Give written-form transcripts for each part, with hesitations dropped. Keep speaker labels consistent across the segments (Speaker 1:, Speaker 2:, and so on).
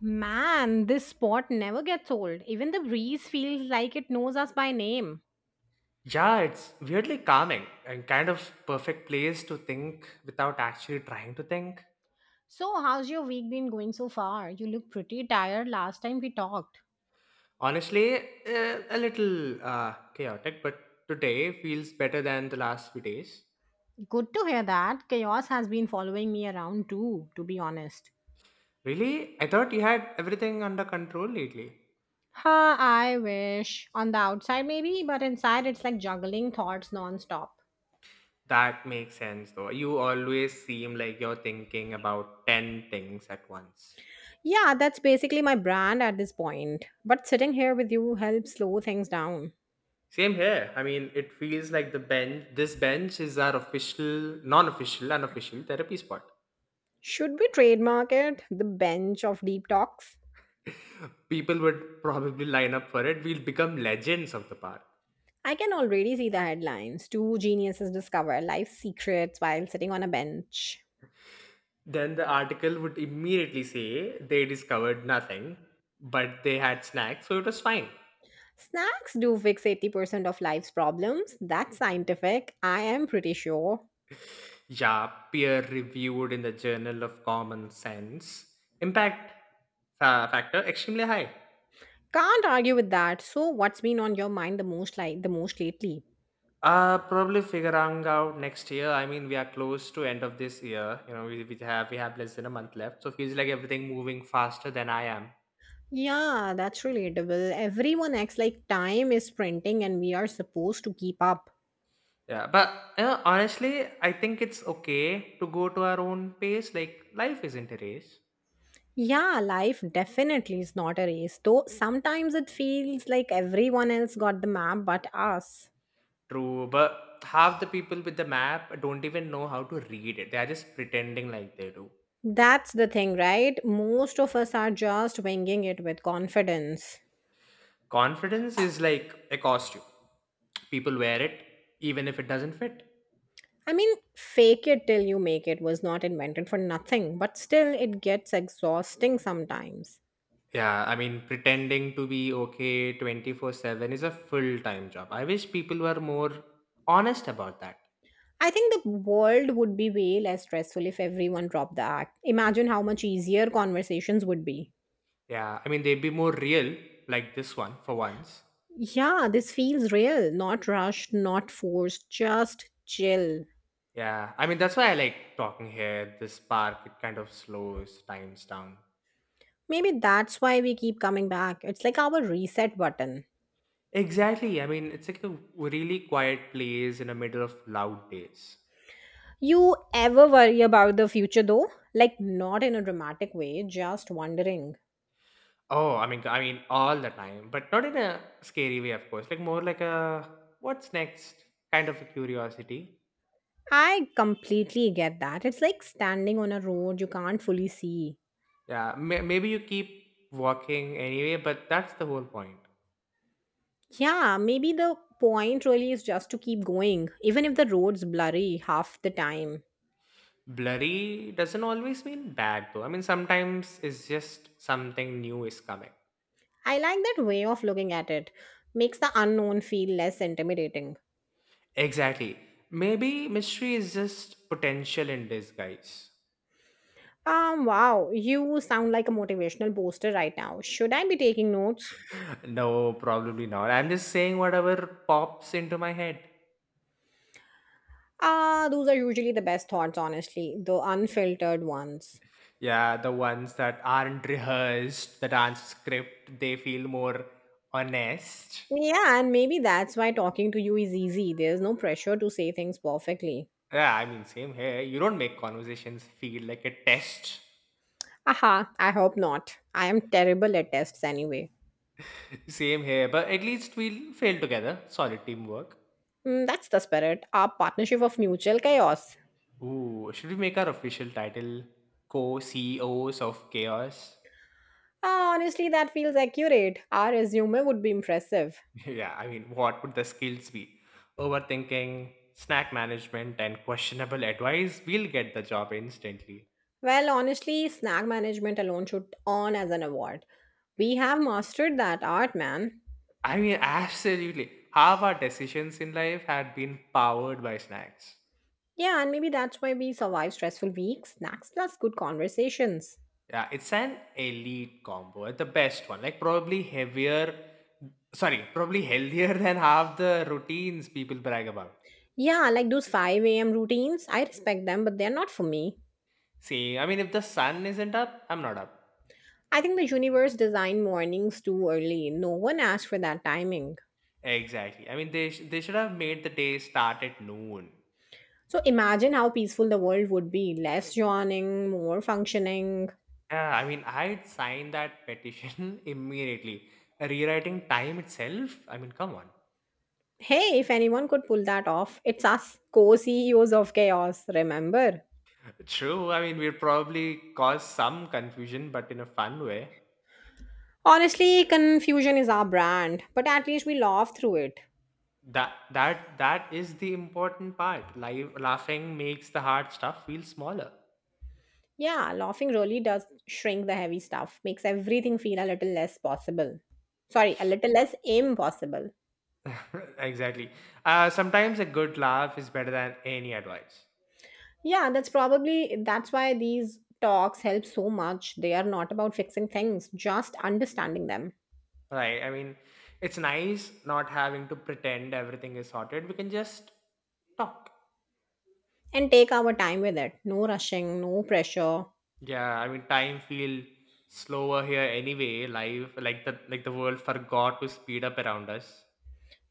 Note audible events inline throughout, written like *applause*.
Speaker 1: Man, this spot never gets old. Even the breeze feels like it knows us by name.
Speaker 2: Yeah, it's weirdly calming and kind of perfect place to think without actually trying to think.
Speaker 1: So, how's your week been going so far? You look pretty tired last time we talked.
Speaker 2: Honestly, a little chaotic, but today feels better than the last few days.
Speaker 1: Good to hear that. Chaos has been following me around too, to be honest.
Speaker 2: Really? I thought you had everything under control lately.
Speaker 1: Ha, I wish. On the outside, maybe, but inside, it's like juggling thoughts nonstop.
Speaker 2: That makes sense though. You always seem like you're thinking about 10 things at once.
Speaker 1: Yeah, that's basically my brand at this point. But sitting here with you helps slow things down.
Speaker 2: Same here. I mean, it feels like the bench this bench is our official, non-official, unofficial therapy spot.
Speaker 1: Should we trademark it? The bench of deep talks?
Speaker 2: People would probably line up for it. We'll become legends of the park.
Speaker 1: I can already see the headlines. Two geniuses discover life's secrets while sitting on a bench.
Speaker 2: Then the article would immediately say they discovered nothing, but they had snacks, so it was fine.
Speaker 1: Snacks do fix 80% of life's problems. That's scientific. I am pretty sure.
Speaker 2: Yeah, peer reviewed in the Journal of Common Sense. Impact factor extremely high.
Speaker 1: Can't argue with that. So what's been on your mind the most lately?
Speaker 2: Probably figuring out next year. I mean, we are close to end of this year. We have less than a month left, so feels like everything moving faster than I am.
Speaker 1: Yeah, that's relatable. Everyone acts like time is sprinting and we are supposed to keep up.
Speaker 2: Yeah, but honestly, I think it's okay to go to our own pace. Like life isn't a race.
Speaker 1: Yeah, life definitely is not a race, though sometimes it feels like everyone else got the map but us.
Speaker 2: True, but half the people with the map don't even know how to read it. They are just pretending like they do.
Speaker 1: That's the thing, right? Most of us are just winging it with confidence.
Speaker 2: Confidence is like a costume. People wear it even if it doesn't fit.
Speaker 1: I mean, fake it till you make it was not invented for nothing, but still, it gets exhausting sometimes.
Speaker 2: Yeah, I mean, pretending to be okay 24/7 is a full time job. I wish people were more honest about that.
Speaker 1: I think the world would be way less stressful if everyone dropped the act. Imagine how much easier conversations would be.
Speaker 2: Yeah, I mean, they'd be more real, like this one, for once.
Speaker 1: Yeah, this feels real, not rushed, not forced, just chill.
Speaker 2: Yeah, I mean that's why I like talking here. This park it kind of slows times down.
Speaker 1: Maybe that's why we keep coming back. It's like our reset button.
Speaker 2: Exactly. I mean it's like a really quiet place in the middle of loud days.
Speaker 1: You ever worry about the future though? Like, not in a dramatic way, just wondering.
Speaker 2: Oh, I mean all the time, but not in a scary way, of course. Like more like a what's next kind of a curiosity.
Speaker 1: I completely get that. It's like standing on a road you can't fully see.
Speaker 2: Yeah, maybe you keep walking anyway, but that's the whole point.
Speaker 1: Yeah, maybe the point really is just to keep going, even if the road's blurry half the time.
Speaker 2: Blurry doesn't always mean bad though. I mean sometimes it's just something new is coming.
Speaker 1: I like that way of looking at it. Makes the unknown feel less intimidating.
Speaker 2: Exactly. Maybe mystery is just potential in disguise.
Speaker 1: Wow, you sound like a motivational poster right now. Should I be taking notes?
Speaker 2: *laughs* No, probably not. I'm just saying whatever pops into my head.
Speaker 1: Ah, those are usually the best thoughts, honestly, the unfiltered ones.
Speaker 2: Yeah, the ones that aren't rehearsed, that aren't script, they feel more honest.
Speaker 1: Yeah, and maybe that's why talking to you is easy. There's no pressure to say things perfectly.
Speaker 2: Yeah, I mean, same here. You don't make conversations feel like a test.
Speaker 1: Aha, I hope not. I am terrible at tests anyway.
Speaker 2: *laughs* Same here, but at least we'll fail together. Solid teamwork.
Speaker 1: Mm, that's the spirit, our partnership of mutual chaos.
Speaker 2: Ooh, should we make our official title co CEOs of Chaos?
Speaker 1: Ah, honestly, that feels accurate. Our resume would be impressive.
Speaker 2: *laughs* Yeah, I mean, what would the skills be? Overthinking, snack management, and questionable advice, we'll get the job instantly.
Speaker 1: Well, honestly, snack management alone should earn as an award. We have mastered that art, man.
Speaker 2: I mean, absolutely. Half our decisions in life had been powered by snacks.
Speaker 1: Yeah, and maybe that's why we survive stressful weeks. Snacks plus good conversations.
Speaker 2: Yeah, it's an elite combo, the best one. Like, probably heavier, sorry, probably healthier *laughs* than half the routines people brag about.
Speaker 1: Yeah, like those 5 a.m. routines, I respect them, but they're not for me.
Speaker 2: See, I mean, if the sun isn't up, I'm not up.
Speaker 1: I think the universe designed mornings too early. No one asked for that timing.
Speaker 2: Exactly. I mean, they should have made the day start at noon.
Speaker 1: So imagine how peaceful the world would be less yawning, more functioning.
Speaker 2: Yeah, I mean, I'd sign that petition *laughs* immediately. Rewriting time itself? I mean, come on.
Speaker 1: Hey, if anyone could pull that off, it's us, co CEOs of chaos, remember?
Speaker 2: True. I mean, we'll probably cause some confusion, but in a fun way.
Speaker 1: Honestly, confusion is our brand, but at least we laugh through it.
Speaker 2: That is the important part. Live laughing makes the hard stuff feel smaller.
Speaker 1: Yeah, laughing really does shrink the heavy stuff, makes everything feel a little less possible. Sorry, a little less impossible.
Speaker 2: *laughs* Exactly. Sometimes a good laugh is better than any advice.
Speaker 1: Yeah, that's probably that's why these talks help so much. They are not about fixing things, just understanding them
Speaker 2: Right. I mean, it's nice not having to pretend everything is sorted. We can just talk.
Speaker 1: and take our time with it. No rushing, no pressure.
Speaker 2: Yeah, I mean time feel slower here anyway. Life like the world forgot to speed up around us.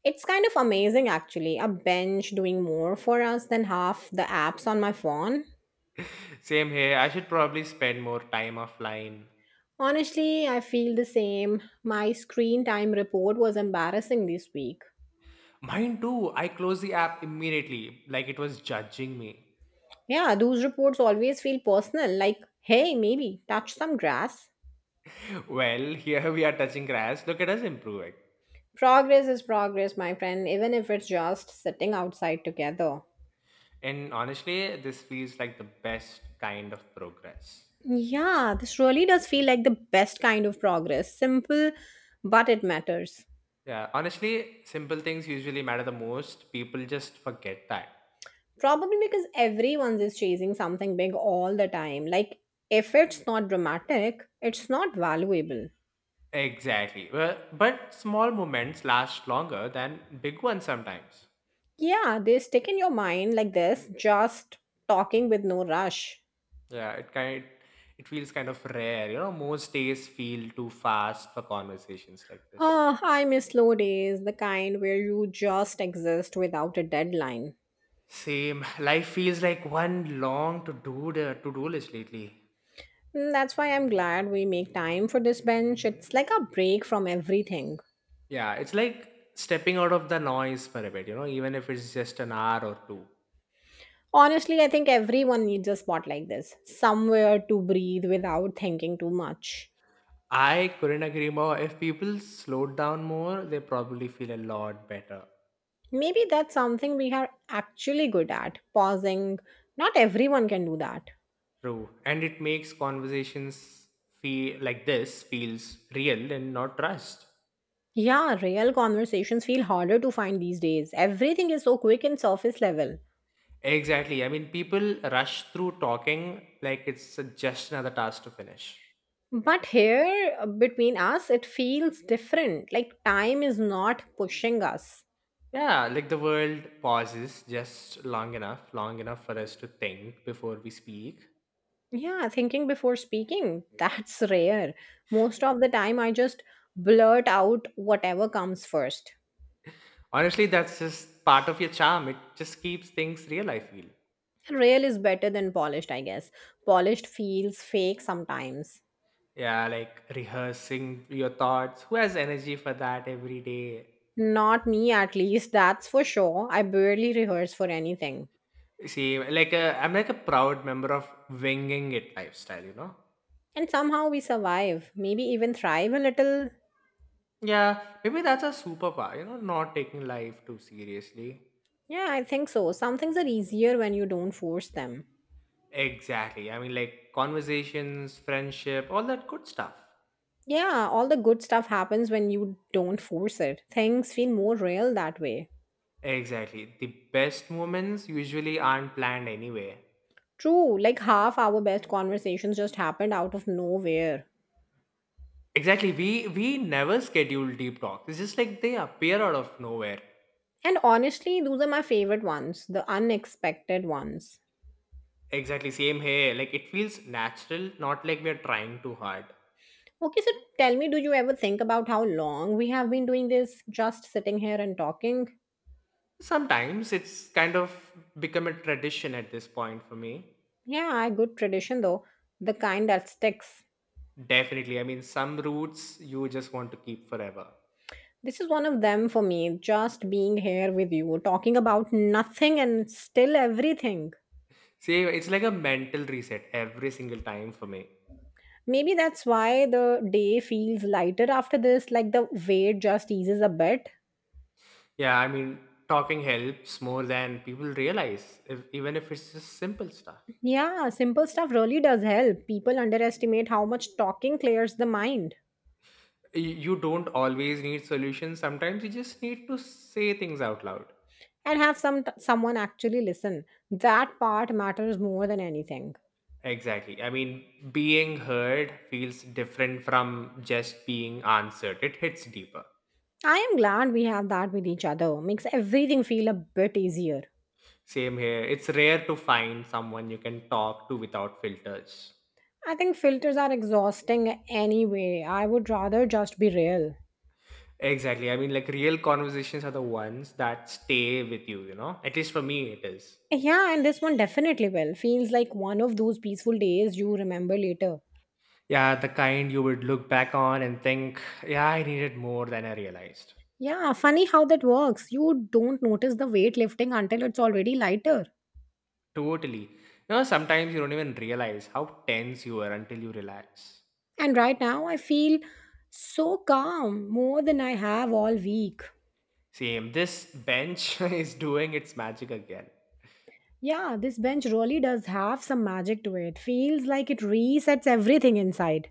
Speaker 1: It's kind of amazing actually. A bench doing more for us than half the apps on my phone.
Speaker 2: *laughs* Same here. I should probably spend more time offline.
Speaker 1: Honestly, I feel the same. My screen time report was embarrassing this week.
Speaker 2: Mine too. I closed the app immediately, like it was judging me.
Speaker 1: Yeah, those reports always feel personal, like, hey, maybe touch some grass.
Speaker 2: *laughs* Well, here we are touching grass. Look at us improving.
Speaker 1: Progress is progress, my friend, even if it's just sitting outside together.
Speaker 2: And honestly, this feels like the best kind of progress.
Speaker 1: Yeah, this really does feel like the best kind of progress. Simple, but it matters.
Speaker 2: Yeah, honestly, simple things usually matter the most. People just forget that.
Speaker 1: Probably because everyone's is chasing something big all the time. Like, if it's not dramatic, it's not valuable.
Speaker 2: Exactly. Well, but small moments last longer than big ones sometimes.
Speaker 1: Yeah, they stick in your mind like this, just talking with no rush.
Speaker 2: Yeah, it feels kind of rare. You know, most days feel too fast for conversations like this.
Speaker 1: Oh, I miss slow days, the kind where you just exist without a deadline.
Speaker 2: Same. *laughs* Life feels like one long to do list lately.
Speaker 1: Mm, that's why I'm glad we make time for this bench. It's like a break from everything.
Speaker 2: Yeah, it's like stepping out of the noise for a bit, you know, even if it's just an hour or two.
Speaker 1: Honestly, I think everyone needs a spot like this, somewhere to breathe without thinking too much.
Speaker 2: I couldn't agree more. If people slowed down more, they probably feel a lot better.
Speaker 1: Maybe that's something we are actually good at, pausing. Not everyone can do that.
Speaker 2: True. And it makes conversations feel like this feels real and not rushed.
Speaker 1: Yeah, real conversations feel harder to find these days. Everything is so quick and surface level.
Speaker 2: Exactly. I mean, people rush through talking like it's just another task to finish.
Speaker 1: But here, between us, it feels different. Like time is not pushing us.
Speaker 2: Yeah, like the world pauses just long enough for us to think before we speak.
Speaker 1: Yeah, thinking before speaking, *laughs* that's rare. Most of the time, I just blurt out whatever comes first.
Speaker 2: Honestly, that's just part of your charm. It just keeps things real, I feel.
Speaker 1: Real is better than polished, I guess. Polished feels fake sometimes.
Speaker 2: Yeah, like rehearsing your thoughts. Who has energy for that every day?
Speaker 1: Not me, at least, that's for sure. I barely rehearse for anything.
Speaker 2: See, I'm like a proud member of winging it lifestyle, you know?
Speaker 1: And somehow we survive, maybe even thrive a little.
Speaker 2: Yeah, maybe that's a superpower, you know, not taking life too seriously.
Speaker 1: Yeah, I think so. Some things are easier when you don't force them.
Speaker 2: Exactly. I mean, like conversations, friendship, all that good stuff.
Speaker 1: Yeah, all the good stuff happens when you don't force it. Things feel more real that way.
Speaker 2: Exactly. The best moments usually aren't planned anyway.
Speaker 1: True, like half our best conversations just happened out of nowhere.
Speaker 2: Exactly. We never schedule deep talks. It's just like they appear out of nowhere.
Speaker 1: And honestly, those are my favorite ones, the unexpected ones.
Speaker 2: Exactly. Same here. Like it feels natural, not like we're trying too hard.
Speaker 1: Okay, so tell me, do you ever think about how long we have been doing this, just sitting here and talking?
Speaker 2: Sometimes it's kind of become a tradition at this point for me.
Speaker 1: Yeah, a good tradition though, the kind that sticks.
Speaker 2: Definitely. I mean, some roots you just want to keep forever.
Speaker 1: This is one of them for me, just being here with you, talking about nothing and still everything.
Speaker 2: See, it's like a mental reset every single time for me.
Speaker 1: Maybe that's why the day feels lighter after this, like the weight just eases a bit.
Speaker 2: Yeah, I mean, talking helps more than people realize, if, even if it's just simple stuff.
Speaker 1: Yeah, simple stuff really does help. People underestimate how much talking clears the mind
Speaker 2: You don't always need solutions. Sometimes you just need to say things out loud.
Speaker 1: and have someone actually listen. That part matters more than anything.
Speaker 2: Exactly. I mean, being heard feels different from just being answered, it hits deeper.
Speaker 1: I am glad we have that with each other. Makes everything feel a bit easier.
Speaker 2: Same here. It's rare to find someone you can talk to without filters.
Speaker 1: I think filters are exhausting anyway. I would rather just be real.
Speaker 2: Exactly. I mean, like real conversations are the ones that stay with you, you know? At least for me, it is.
Speaker 1: Yeah, and this one definitely will. Feels like one of those peaceful days you remember later.
Speaker 2: Yeah, the kind you would look back on and think, yeah, I needed more than I realized.
Speaker 1: Yeah, funny how that works. You don't notice the weight lifting until it's already lighter.
Speaker 2: Totally. You know, sometimes you don't even realize how tense you were until you relax.
Speaker 1: And right now, I feel so calm, more than I have all week.
Speaker 2: Same. This bench *laughs* is doing its magic again.
Speaker 1: Yeah, this bench really does have some magic to it. Feels like it resets everything inside.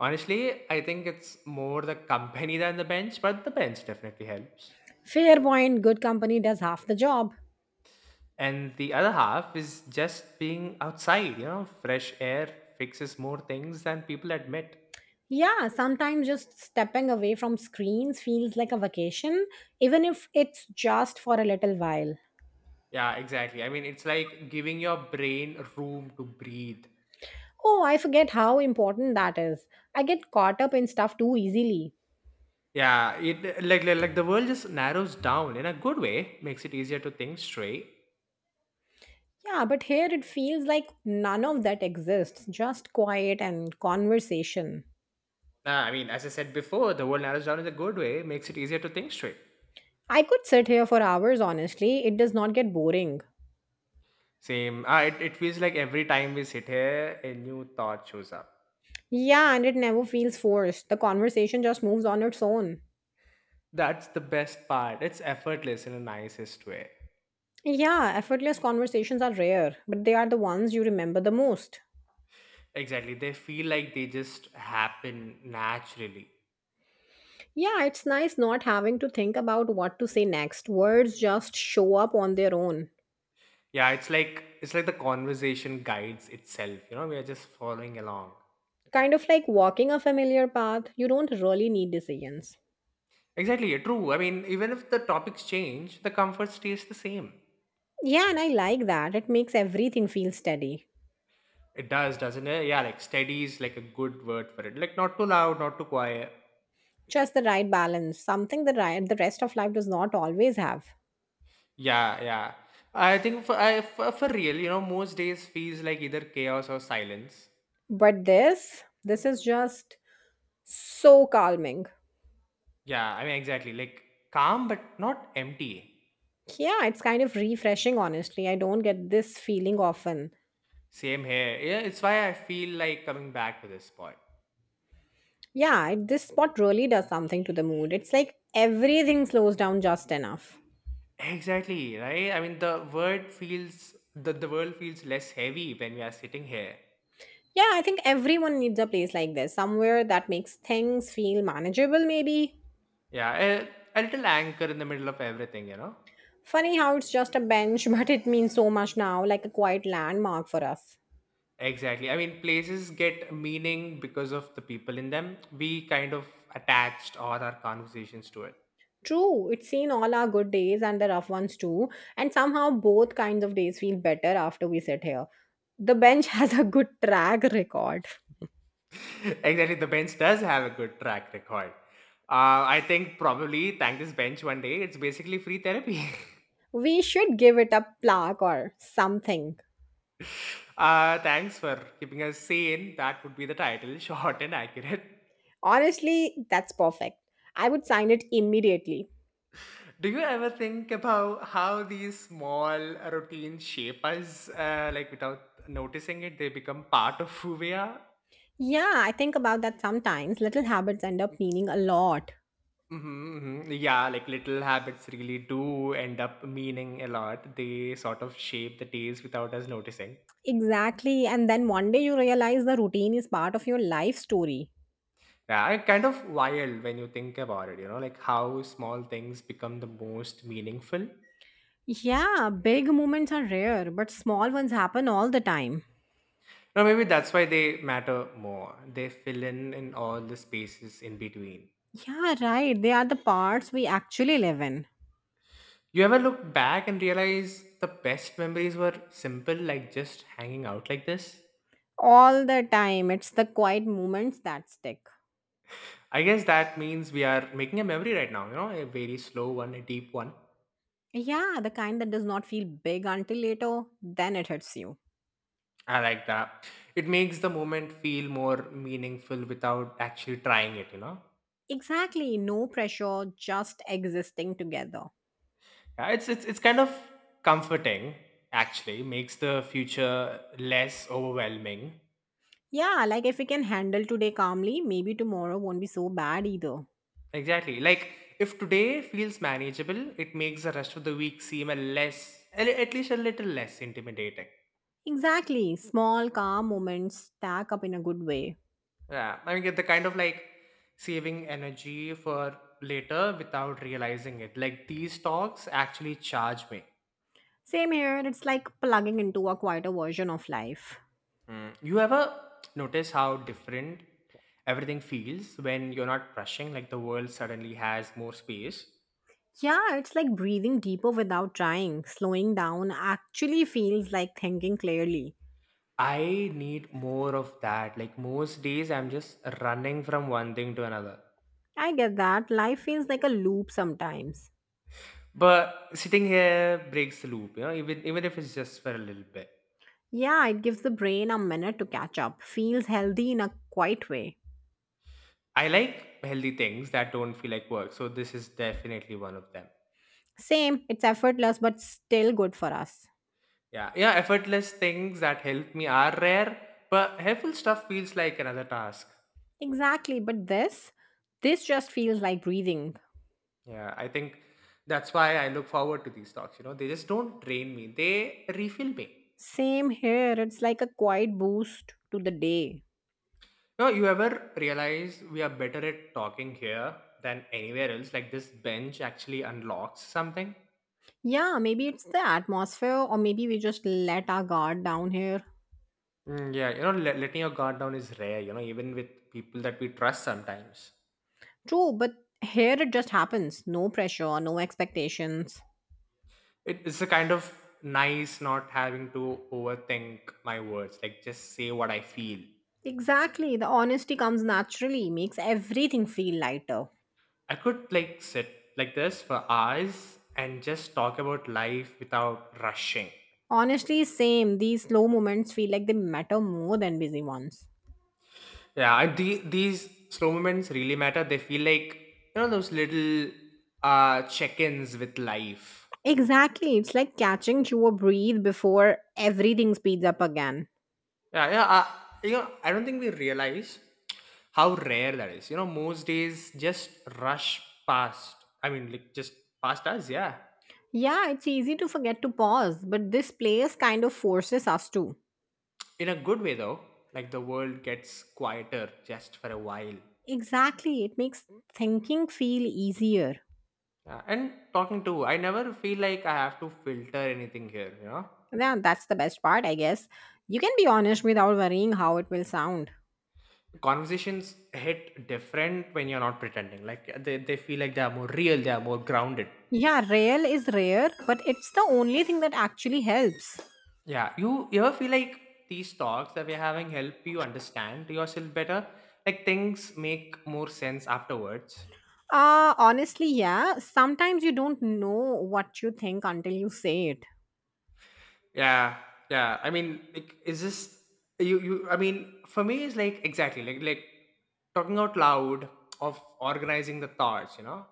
Speaker 2: Honestly, I think it's more the company than the bench, but the bench definitely helps.
Speaker 1: Fair point, good company does half the job.
Speaker 2: And the other half is just being outside, you know, fresh air fixes more things than people admit.
Speaker 1: Yeah, sometimes just stepping away from screens feels like a vacation, even if it's just for a little while.
Speaker 2: Yeah, exactly, I mean, it's like giving your brain room to breathe.
Speaker 1: Oh, I forget how important that is. I get caught up in stuff too easily.
Speaker 2: Yeah, like the world just narrows down in a good way, makes it easier to think straight.
Speaker 1: Yeah, but here it feels like none of that exists, just quiet and conversation.
Speaker 2: Ah, I mean, as I said before, the world narrows down in a good way, makes it easier to think straight.
Speaker 1: I could sit here for hours, honestly. It does not get boring.
Speaker 2: Same. Ah, it feels like every time we sit here a new thought shows up.
Speaker 1: Yeah, and it never feels forced. The conversation just moves on its own.
Speaker 2: That's the best part, it's effortless in the nicest way.
Speaker 1: Yeah, effortless conversations are rare, but they are the ones you remember the most.
Speaker 2: Exactly. They feel like they just happen naturally.
Speaker 1: Yeah, it's nice not having to think about what to say next. Words just show up on their own.
Speaker 2: Yeah, it's like the conversation guides itself, you know, we are just following along.
Speaker 1: Kind of like walking a familiar path, you don't really need decisions.
Speaker 2: Exactly, yeah, true. I mean, even if the topics change, the comfort stays the same.
Speaker 1: Yeah, and I like that. It makes everything feel steady.
Speaker 2: It does, doesn't it? Yeah, like steady is like a good word for it. Like not too loud, not too quiet.
Speaker 1: Just the right balance, something the rest of life does not always have.
Speaker 2: Yeah, yeah. I think for real, you know, most days feels like either chaos or silence.
Speaker 1: But this is just so calming.
Speaker 2: Yeah, I mean exactly. Like calm but not empty.
Speaker 1: Yeah, it's kind of refreshing, honestly. I don't get this feeling often.
Speaker 2: Same here. Yeah, it's why I feel like coming back to this spot.
Speaker 1: Yeah, this spot really does something to the mood. It's like everything slows down just enough.
Speaker 2: Exactly, right? I mean, the world feels less heavy when we are sitting here.
Speaker 1: Yeah, I think everyone needs a place like this, somewhere that makes things feel manageable, maybe.
Speaker 2: Yeah, a little anchor in the middle of everything, you know?
Speaker 1: Funny how it's just a bench, *laughs* but it means so much now, like a quiet landmark for us.
Speaker 2: Exactly. I mean, places get meaning because of the people in them. We kind of attached all our conversations to it.
Speaker 1: True, it's seen all our good days and the rough ones too, and somehow both kinds of days feel better after we sit here. The bench *laughs* has a good track record.
Speaker 2: *laughs* Exactly, the bench does have a good track record. I think probably thank this bench one day. It's basically free therapy. *laughs*
Speaker 1: We should give it a plaque or something.
Speaker 2: Thanks for keeping us sane. That would be the title, *laughs* short and accurate.
Speaker 1: Honestly, that's perfect. I would sign it immediately.
Speaker 2: Do you ever think about how these small routines shape us? Like without noticing it, they become part of who we are.
Speaker 1: Yeah, I think about that sometimes. Little habits end up meaning a lot.
Speaker 2: Mm-hmm. Hmm. Yeah, like little habits really do end up meaning a lot. They sort of shape the days without us noticing.
Speaker 1: Exactly, and then one day you realize the routine is part of your life story.
Speaker 2: Yeah, it's kind of wild when you think about it, you know, like how small things become the most meaningful.
Speaker 1: Yeah, big moments are rare, but small ones happen all the time.
Speaker 2: No, maybe that's why they matter more. They fill in all the spaces in between.
Speaker 1: Yeah, right. They are the parts we actually live in.
Speaker 2: You ever look back and realize the best memories were simple, like just hanging out like this?
Speaker 1: All the time. It's the quiet moments that stick.
Speaker 2: I guess that means we are making a memory right now, you know, a very slow one, a deep one.
Speaker 1: Yeah, the kind that does not feel big until later, then it hits you.
Speaker 2: I like that. It makes the moment feel more meaningful without actually trying it, you know?
Speaker 1: Exactly. No pressure, just existing together.
Speaker 2: Yeah, it's kind of comforting, actually, makes the future less overwhelming.
Speaker 1: Yeah, like if we can handle today calmly, maybe tomorrow won't be so bad either.
Speaker 2: Exactly. Like if today feels manageable, it makes the rest of the week seem a less, a li- at least a little less intimidating.
Speaker 1: Exactly. Small, calm moments stack up in a good way.
Speaker 2: Yeah, I mean, get the kind of like saving energy for later without realizing it. Like these talks actually charge me.
Speaker 1: Same here, it's like plugging into a quieter version of life.
Speaker 2: Mm. You ever notice how different everything feels when you're not rushing? Like the world suddenly has more space.
Speaker 1: Yeah, it's like breathing deeper without trying. Slowing down actually feels like thinking clearly.
Speaker 2: I need more of that. Like most days, I'm just running from one thing to another.
Speaker 1: I get that. Life feels like a loop sometimes.
Speaker 2: But sitting here breaks the loop, you know, even if it's just for a little bit.
Speaker 1: Yeah, it gives the brain a minute to catch up. Feels healthy in a quiet way.
Speaker 2: I like healthy things that don't feel like work, so this is definitely one of them.
Speaker 1: Same, it's effortless but still good for us.
Speaker 2: Yeah, yeah, effortless things that help me are rare, but helpful stuff feels like another task.
Speaker 1: Exactly, but this just feels like breathing.
Speaker 2: Yeah, I think that's why I look forward to these talks. You know, they just don't drain me; they refill me.
Speaker 1: Same here, it's like a quiet boost to the day.
Speaker 2: No, you ever realize we are better at talking here than anywhere else? Like this bench actually unlocks something.
Speaker 1: Yeah, maybe it's the atmosphere, or maybe we just let our guard down here.
Speaker 2: Mm, yeah, you know, letting your guard down is rare, you know, even with people that we trust sometimes.
Speaker 1: True, but here it just happens. No pressure, no expectations.
Speaker 2: It's a kind of nice not having to overthink my words, like just say what I feel.
Speaker 1: Exactly, the honesty comes naturally, makes everything feel lighter.
Speaker 2: I could like sit like this for hours and just talk about life without rushing.
Speaker 1: Honestly, same. These slow moments feel like they matter more than busy ones.
Speaker 2: Yeah, these slow moments really matter. They feel like, you know, those little check ins with life.
Speaker 1: Exactly, it's like catching your breathe before everything speeds up again.
Speaker 2: Yeah, yeah. You know, I don't think we realize how rare that is. You know, most days just rush past. I mean, like just past us. Yeah,
Speaker 1: Yeah, it's easy to forget to pause, but this place kind of forces us to.
Speaker 2: in a good way though. Like the world gets quieter just for a while.
Speaker 1: Exactly. It makes thinking feel easier.
Speaker 2: Yeah. And talking to, I never feel like I have to filter anything here. You know,
Speaker 1: Yeah, that's the best part, I guess. You can be honest without worrying how it will sound.
Speaker 2: conversations hit different when you're not pretending. Like they feel like they are more real. They are more grounded.
Speaker 1: Yeah, real is rare, but it's the only thing that actually helps.
Speaker 2: Yeah, you ever feel like these talks that we're having help you understand yourself better? Like things make more sense afterwards.
Speaker 1: Honestly, yeah. Sometimes you don't know what you think until you say it.
Speaker 2: Yeah, yeah. I mean, like, is this you? You. I mean, for me, it's like exactly like talking out loud of organizing the thoughts. You know.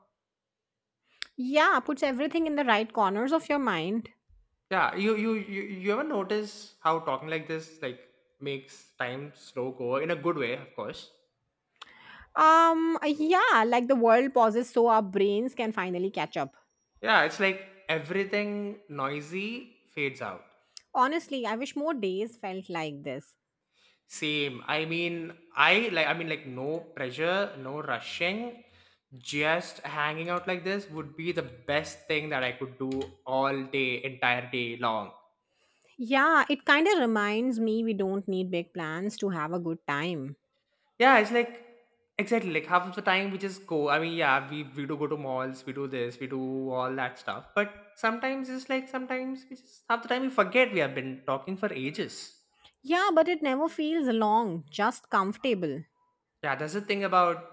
Speaker 1: Yeah, puts everything in the right corners of your mind.
Speaker 2: Yeah. You ever notice how talking like this like makes time slow go in a good way? Of course.
Speaker 1: Yeah, like the world pauses so our brains can finally catch up.
Speaker 2: Yeah. It's like everything noisy fades out.
Speaker 1: Honestly, I wish more days felt like this.
Speaker 2: Same. I mean, I mean like no pressure, no rushing. Just hanging out like this would be the best thing that I could do all day, entire day long.
Speaker 1: Yeah, it kind of reminds me we don't need big plans to have a good time.
Speaker 2: Yeah, it's like exactly like half of the time we just go. I mean, yeah, we do go to malls, we do this, we do all that stuff. But sometimes it's like sometimes we just half the time we forget we have been talking for ages.
Speaker 1: Yeah, but it never feels long, just comfortable.
Speaker 2: Yeah, that's the thing about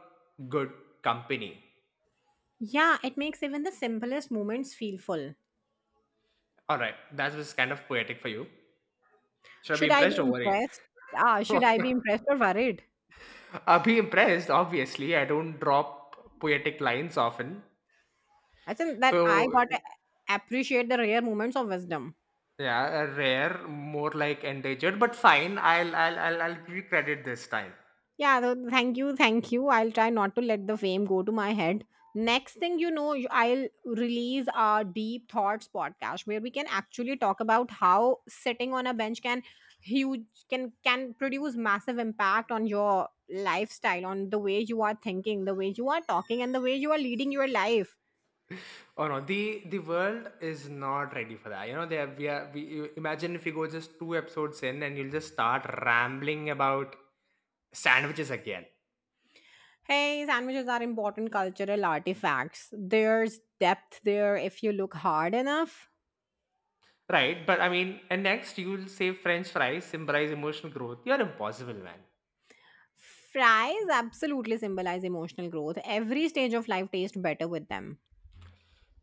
Speaker 2: good company.
Speaker 1: Yeah, it makes even the simplest moments feel full.
Speaker 2: All right, that was kind of poetic for you. Should I be
Speaker 1: Should I be
Speaker 2: impressed or worried?
Speaker 1: impressed? Ah, should I be
Speaker 2: *laughs*
Speaker 1: impressed or worried?
Speaker 2: I'll be impressed, obviously. I don't drop poetic lines often.
Speaker 1: I think that I
Speaker 2: So
Speaker 1: got to appreciate the rare moments of wisdom.
Speaker 2: yeah, rare, more like endangered, but fine. I'll give you credit this time.
Speaker 1: Yeah, thank you, thank you. I'll try not to let the fame go to my head. Next thing you know, I'll release our deep thoughts podcast where we can actually talk about how sitting on a bench can huge can produce massive impact on your lifestyle, on the way you are thinking, the way you are talking, and the way you are leading your life.
Speaker 2: Oh no, the world is not ready for that. You know, they have, we are imagine if you go just two episodes in and you'll just start rambling about sandwiches again.
Speaker 1: Hey, sandwiches are important cultural artifacts. There's depth there if you look hard enough.
Speaker 2: Right? But I mean, and next you'll say French fries symbolize emotional growth. You're impossible, man.
Speaker 1: Fries absolutely symbolize emotional growth. Every stage of life tastes better with them.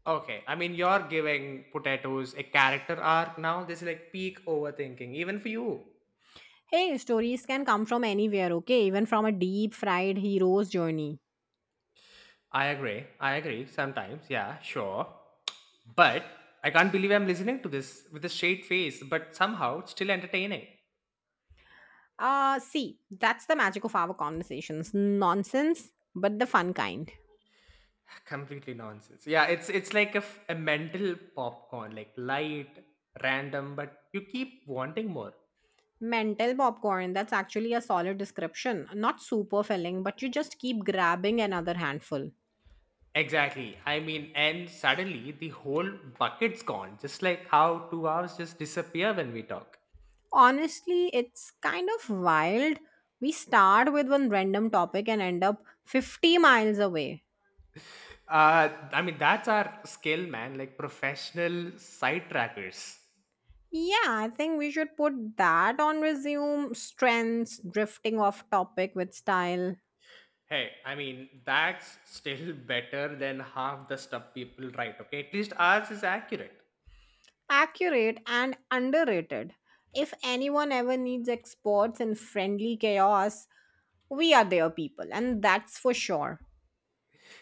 Speaker 2: Okay, I mean, you're giving potatoes a character arc now. This is like peak overthinking, even for you.
Speaker 1: Hey, stories can come from anywhere, okay? Even from a deep fried hero's journey.
Speaker 2: I agree. I agree. Sometimes, yeah, sure. But I can't believe I'm listening to this with a straight face. But somehow, it's still entertaining.
Speaker 1: See, that's the magic of our conversations. Nonsense, but the fun kind.
Speaker 2: *laughs* Completely nonsense. Yeah, it's like a mental popcorn, like light, random, but you keep wanting more.
Speaker 1: Mental popcorn, that's actually a solid description. Not super filling, but you just keep grabbing another handful.
Speaker 2: Exactly. I mean, and suddenly the whole bucket's gone. Just like how 2 hours just disappear when we talk.
Speaker 1: Honestly, it's kind of wild. We start with one random topic and end up 50 miles away.
Speaker 2: I mean, that's our skill, man. Like professional site trackers.
Speaker 1: Yeah, I think we should put that on resume strengths, drifting off topic with style,
Speaker 2: Hey, I mean, that's still *laughs* better than half the stuff people write, okay? At least ours is accurate.
Speaker 1: accurate and underrated. If anyone ever needs experts in friendly chaos, we are their people, and that's for sure.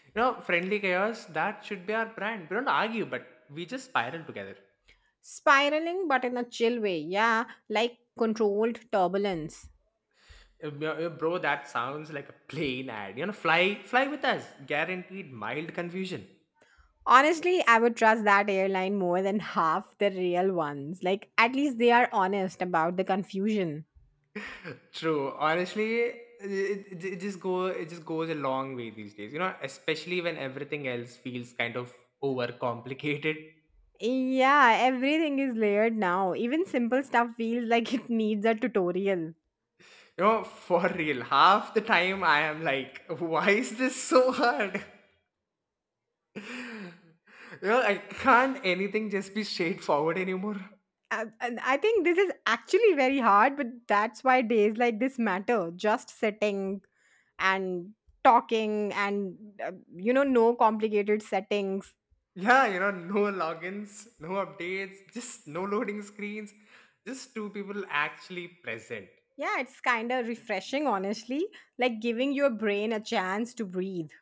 Speaker 2: You know, friendly chaos, that should be our brand. We don't argue, but we just spiral together.
Speaker 1: Spiraling, but in a chill way, yeah, like controlled turbulence.
Speaker 2: Bro, that sounds like a plane ad. You know, fly with us. Guaranteed mild confusion.
Speaker 1: Honestly, I would trust that airline more than half the real ones. Like, at least they are honest about the confusion.
Speaker 2: True. Honestly, it just goes a long way these days. You know, especially when everything else feels kind of overcomplicated.
Speaker 1: Yeah, everything is layered now. Even simple stuff feels like *laughs* it needs a tutorial.
Speaker 2: You know, for real, half the time I am like, why is this so hard? *laughs* You know, I can't anything just be straightforward anymore.
Speaker 1: And I think this is actually very hard, but that's why days like this matter. Just sitting and talking and, you know, no complicated settings.
Speaker 2: Yeah, you know, no logins, no updates, just no loading screens, just two people actually present.
Speaker 1: Yeah, it's kind of refreshing, honestly, like giving your brain a chance to breathe.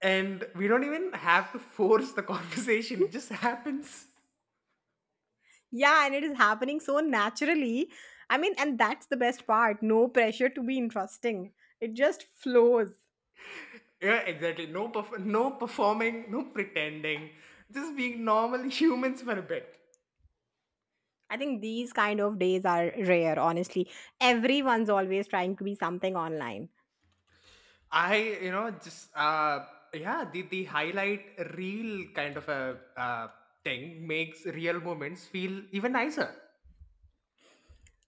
Speaker 2: And we don't even have to force the *laughs* conversation, it just happens.
Speaker 1: Yeah, and it is happening so naturally. I mean, and that's the best part no pressure to be interesting, it just flows.
Speaker 2: Yeah, exactly. No, no performing, no pretending. Just being normal *laughs* humans for a bit.
Speaker 1: I think these kind of days are rare, honestly. Everyone's always trying to be something online.
Speaker 2: I, you know, just yeah, the highlight real kind of a thing makes real moments feel even nicer.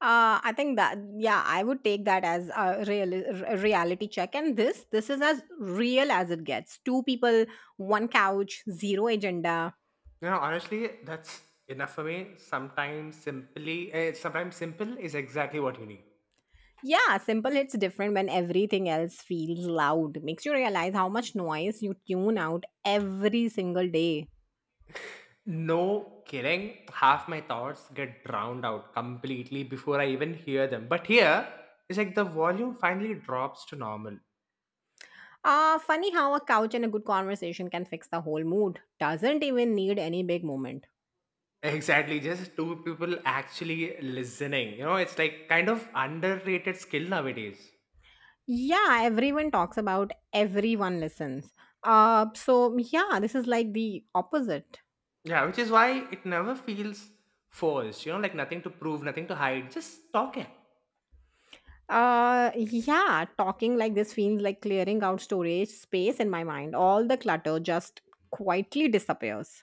Speaker 1: I think that yeah, I would take that as a reality check, and this is as real as it gets. Two people, one couch, zero agenda.
Speaker 2: You know, honestly, that's enough for me. Sometimes simple is exactly what you need.
Speaker 1: Yeah, simple hits different when everything else feels loud. Makes you realize how much noise you tune out every single day.
Speaker 2: No kidding. Half my thoughts get drowned out completely before I even hear them. But here, it's like the volume finally drops to normal. *laughs*
Speaker 1: Ah, funny how a couch and a good conversation can fix the whole mood. Doesn't even need any big moment.
Speaker 2: Exactly, just two people actually listening. You know, it's like kind of underrated skill nowadays.
Speaker 1: Yeah, everyone talks about everyone listens. So yeah, this is like the opposite.
Speaker 2: Yeah, which is why it never feels forced. You know, like nothing to prove, nothing to hide, just talking.
Speaker 1: Yeah, talking like this feels like clearing out storage space in my mind. All the clutter just quietly disappears.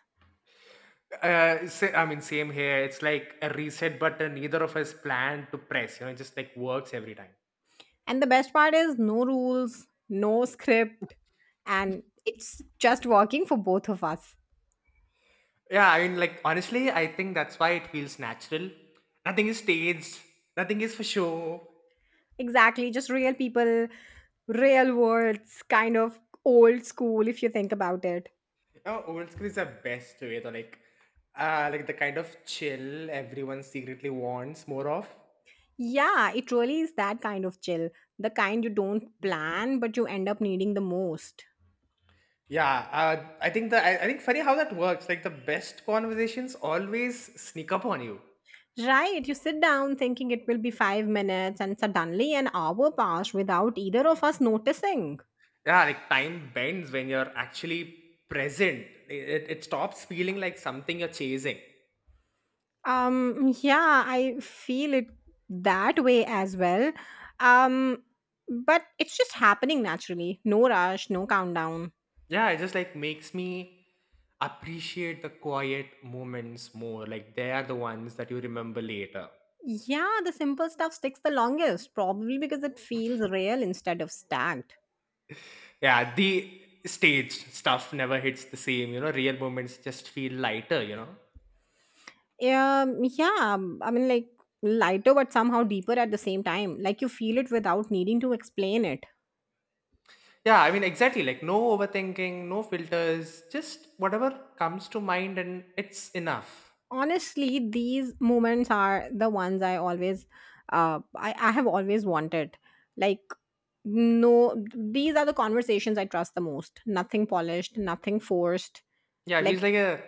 Speaker 2: I mean, same here. It's like a reset button. Neither of us planned to press. You know, it just like works every time.
Speaker 1: And the best part is no rules, no script, and it's just working for both of us.
Speaker 2: Yeah, I mean, like honestly, I think that's why it feels natural. Nothing is staged. Nothing is for show.
Speaker 1: Exactly, just real people, real words, kind of old school if you think about it.
Speaker 2: You know, old school is the best way to like the kind of chill everyone secretly wants more of.
Speaker 1: Yeah, it really is that kind of chill. The kind you don't plan, but you end up needing the most.
Speaker 2: Yeah, I think funny how that works. Like the best conversations always sneak up on you.
Speaker 1: Right, you sit down thinking it will be 5 minutes, and suddenly an hour passed without either of us noticing.
Speaker 2: Yeah, like time bends when you're actually present. It stops feeling like something you're chasing.
Speaker 1: Yeah, I feel it that way as well. Um, but it's just happening naturally. No rush, no countdown.
Speaker 2: Yeah, it just like makes me appreciate the quiet moments more. Like they are the ones that you remember later.
Speaker 1: Yeah, the simple stuff sticks the longest, probably because it feels real instead of stacked.
Speaker 2: Yeah, the stage stuff never hits the same. You know, real moments just feel lighter. You know.
Speaker 1: Yeah, I mean, like lighter but somehow deeper at the same time. Like you feel it without needing to explain it.
Speaker 2: Yeah, I mean exactly. Like no overthinking, no filters, just whatever comes to mind, and it's enough.
Speaker 1: Honestly, these moments are the ones I always I have always wanted like no, these are the conversations I trust the most, nothing polished, nothing forced
Speaker 2: Yeah,
Speaker 1: like.
Speaker 2: he's like a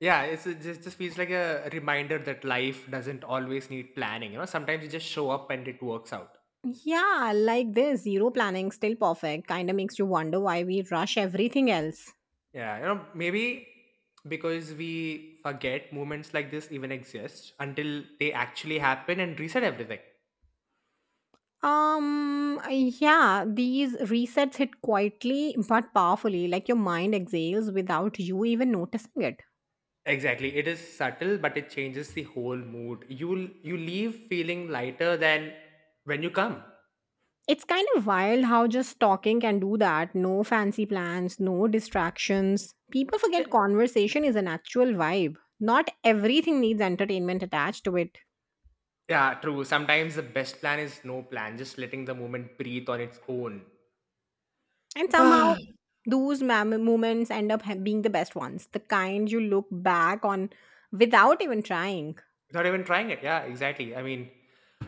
Speaker 2: yeah it's just feels like a reminder that life doesn't always need planning, you know, sometimes you just show up and it works out.
Speaker 1: Yeah, like this zero planning still perfect kind of makes you wonder why we rush everything else.
Speaker 2: Yeah, you know, maybe because we forget moments like this even exist until they actually happen and reset everything.
Speaker 1: Yeah, these resets hit quietly but powerfully, like your mind exhales without you even noticing it.
Speaker 2: Exactly. It is subtle, but it changes the whole mood. You leave feeling lighter than when you come.
Speaker 1: It's kind of wild how just talking can do that. No fancy plans, no distractions. People
Speaker 2: Yeah,
Speaker 1: forget conversation is an actual vibe. Not everything needs entertainment attached to it.
Speaker 2: yeah, true. Sometimes the best plan is no plan, just letting the moment breathe on its own.
Speaker 1: And
Speaker 2: *sighs*
Speaker 1: somehow,
Speaker 2: Without
Speaker 1: those moments end up being the best ones. The kind you look back on without even trying.
Speaker 2: even trying it. Yeah, exactly. I mean,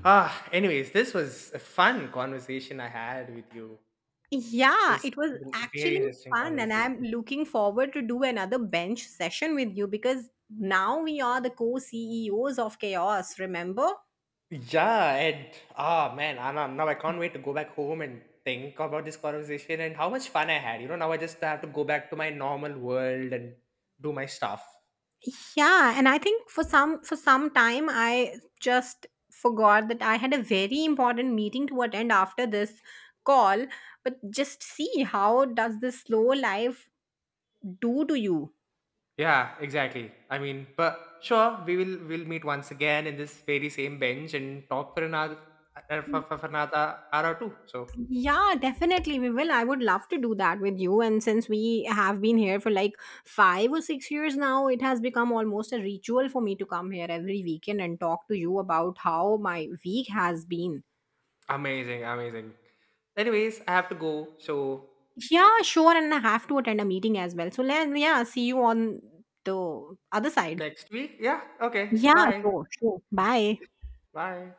Speaker 2: ah, anyways, this was a fun conversation I had with you. It
Speaker 1: Yeah,
Speaker 2: was
Speaker 1: it was
Speaker 2: it was a very
Speaker 1: actually
Speaker 2: interesting
Speaker 1: fun, and
Speaker 2: conversation.
Speaker 1: I'm looking forward to do another bench session with you because now we are the co CEOs of Chaos, remember?
Speaker 2: Yeah, and ah man, I, now now I can't wait to go back home and think about this conversation and how much fun I had. You know, now I just have to go back to my normal world and do my stuff.
Speaker 1: Yeah, and I think for some time I just forgot that I had a very important meeting to attend after this call, but just see how does this slow life do to you?
Speaker 2: Yeah, exactly. I mean, but sure, we'll meet once again in this very same bench and talk for another for another hour or two. So
Speaker 1: Yeah, definitely we will. I would love to do that with you, and since we have been here for like 5 or 6 years now, it has become almost a ritual for me to come here every weekend and talk to you about how my week has been.
Speaker 2: amazing, amazing. Anyways, I have to go. So
Speaker 1: Yeah, sure. And I have to attend a meeting as well. So, let, yeah, see you on the other side.
Speaker 2: next week, yeah, okay,
Speaker 1: Yeah,
Speaker 2: bye,
Speaker 1: sure, sure. Bye.
Speaker 2: bye.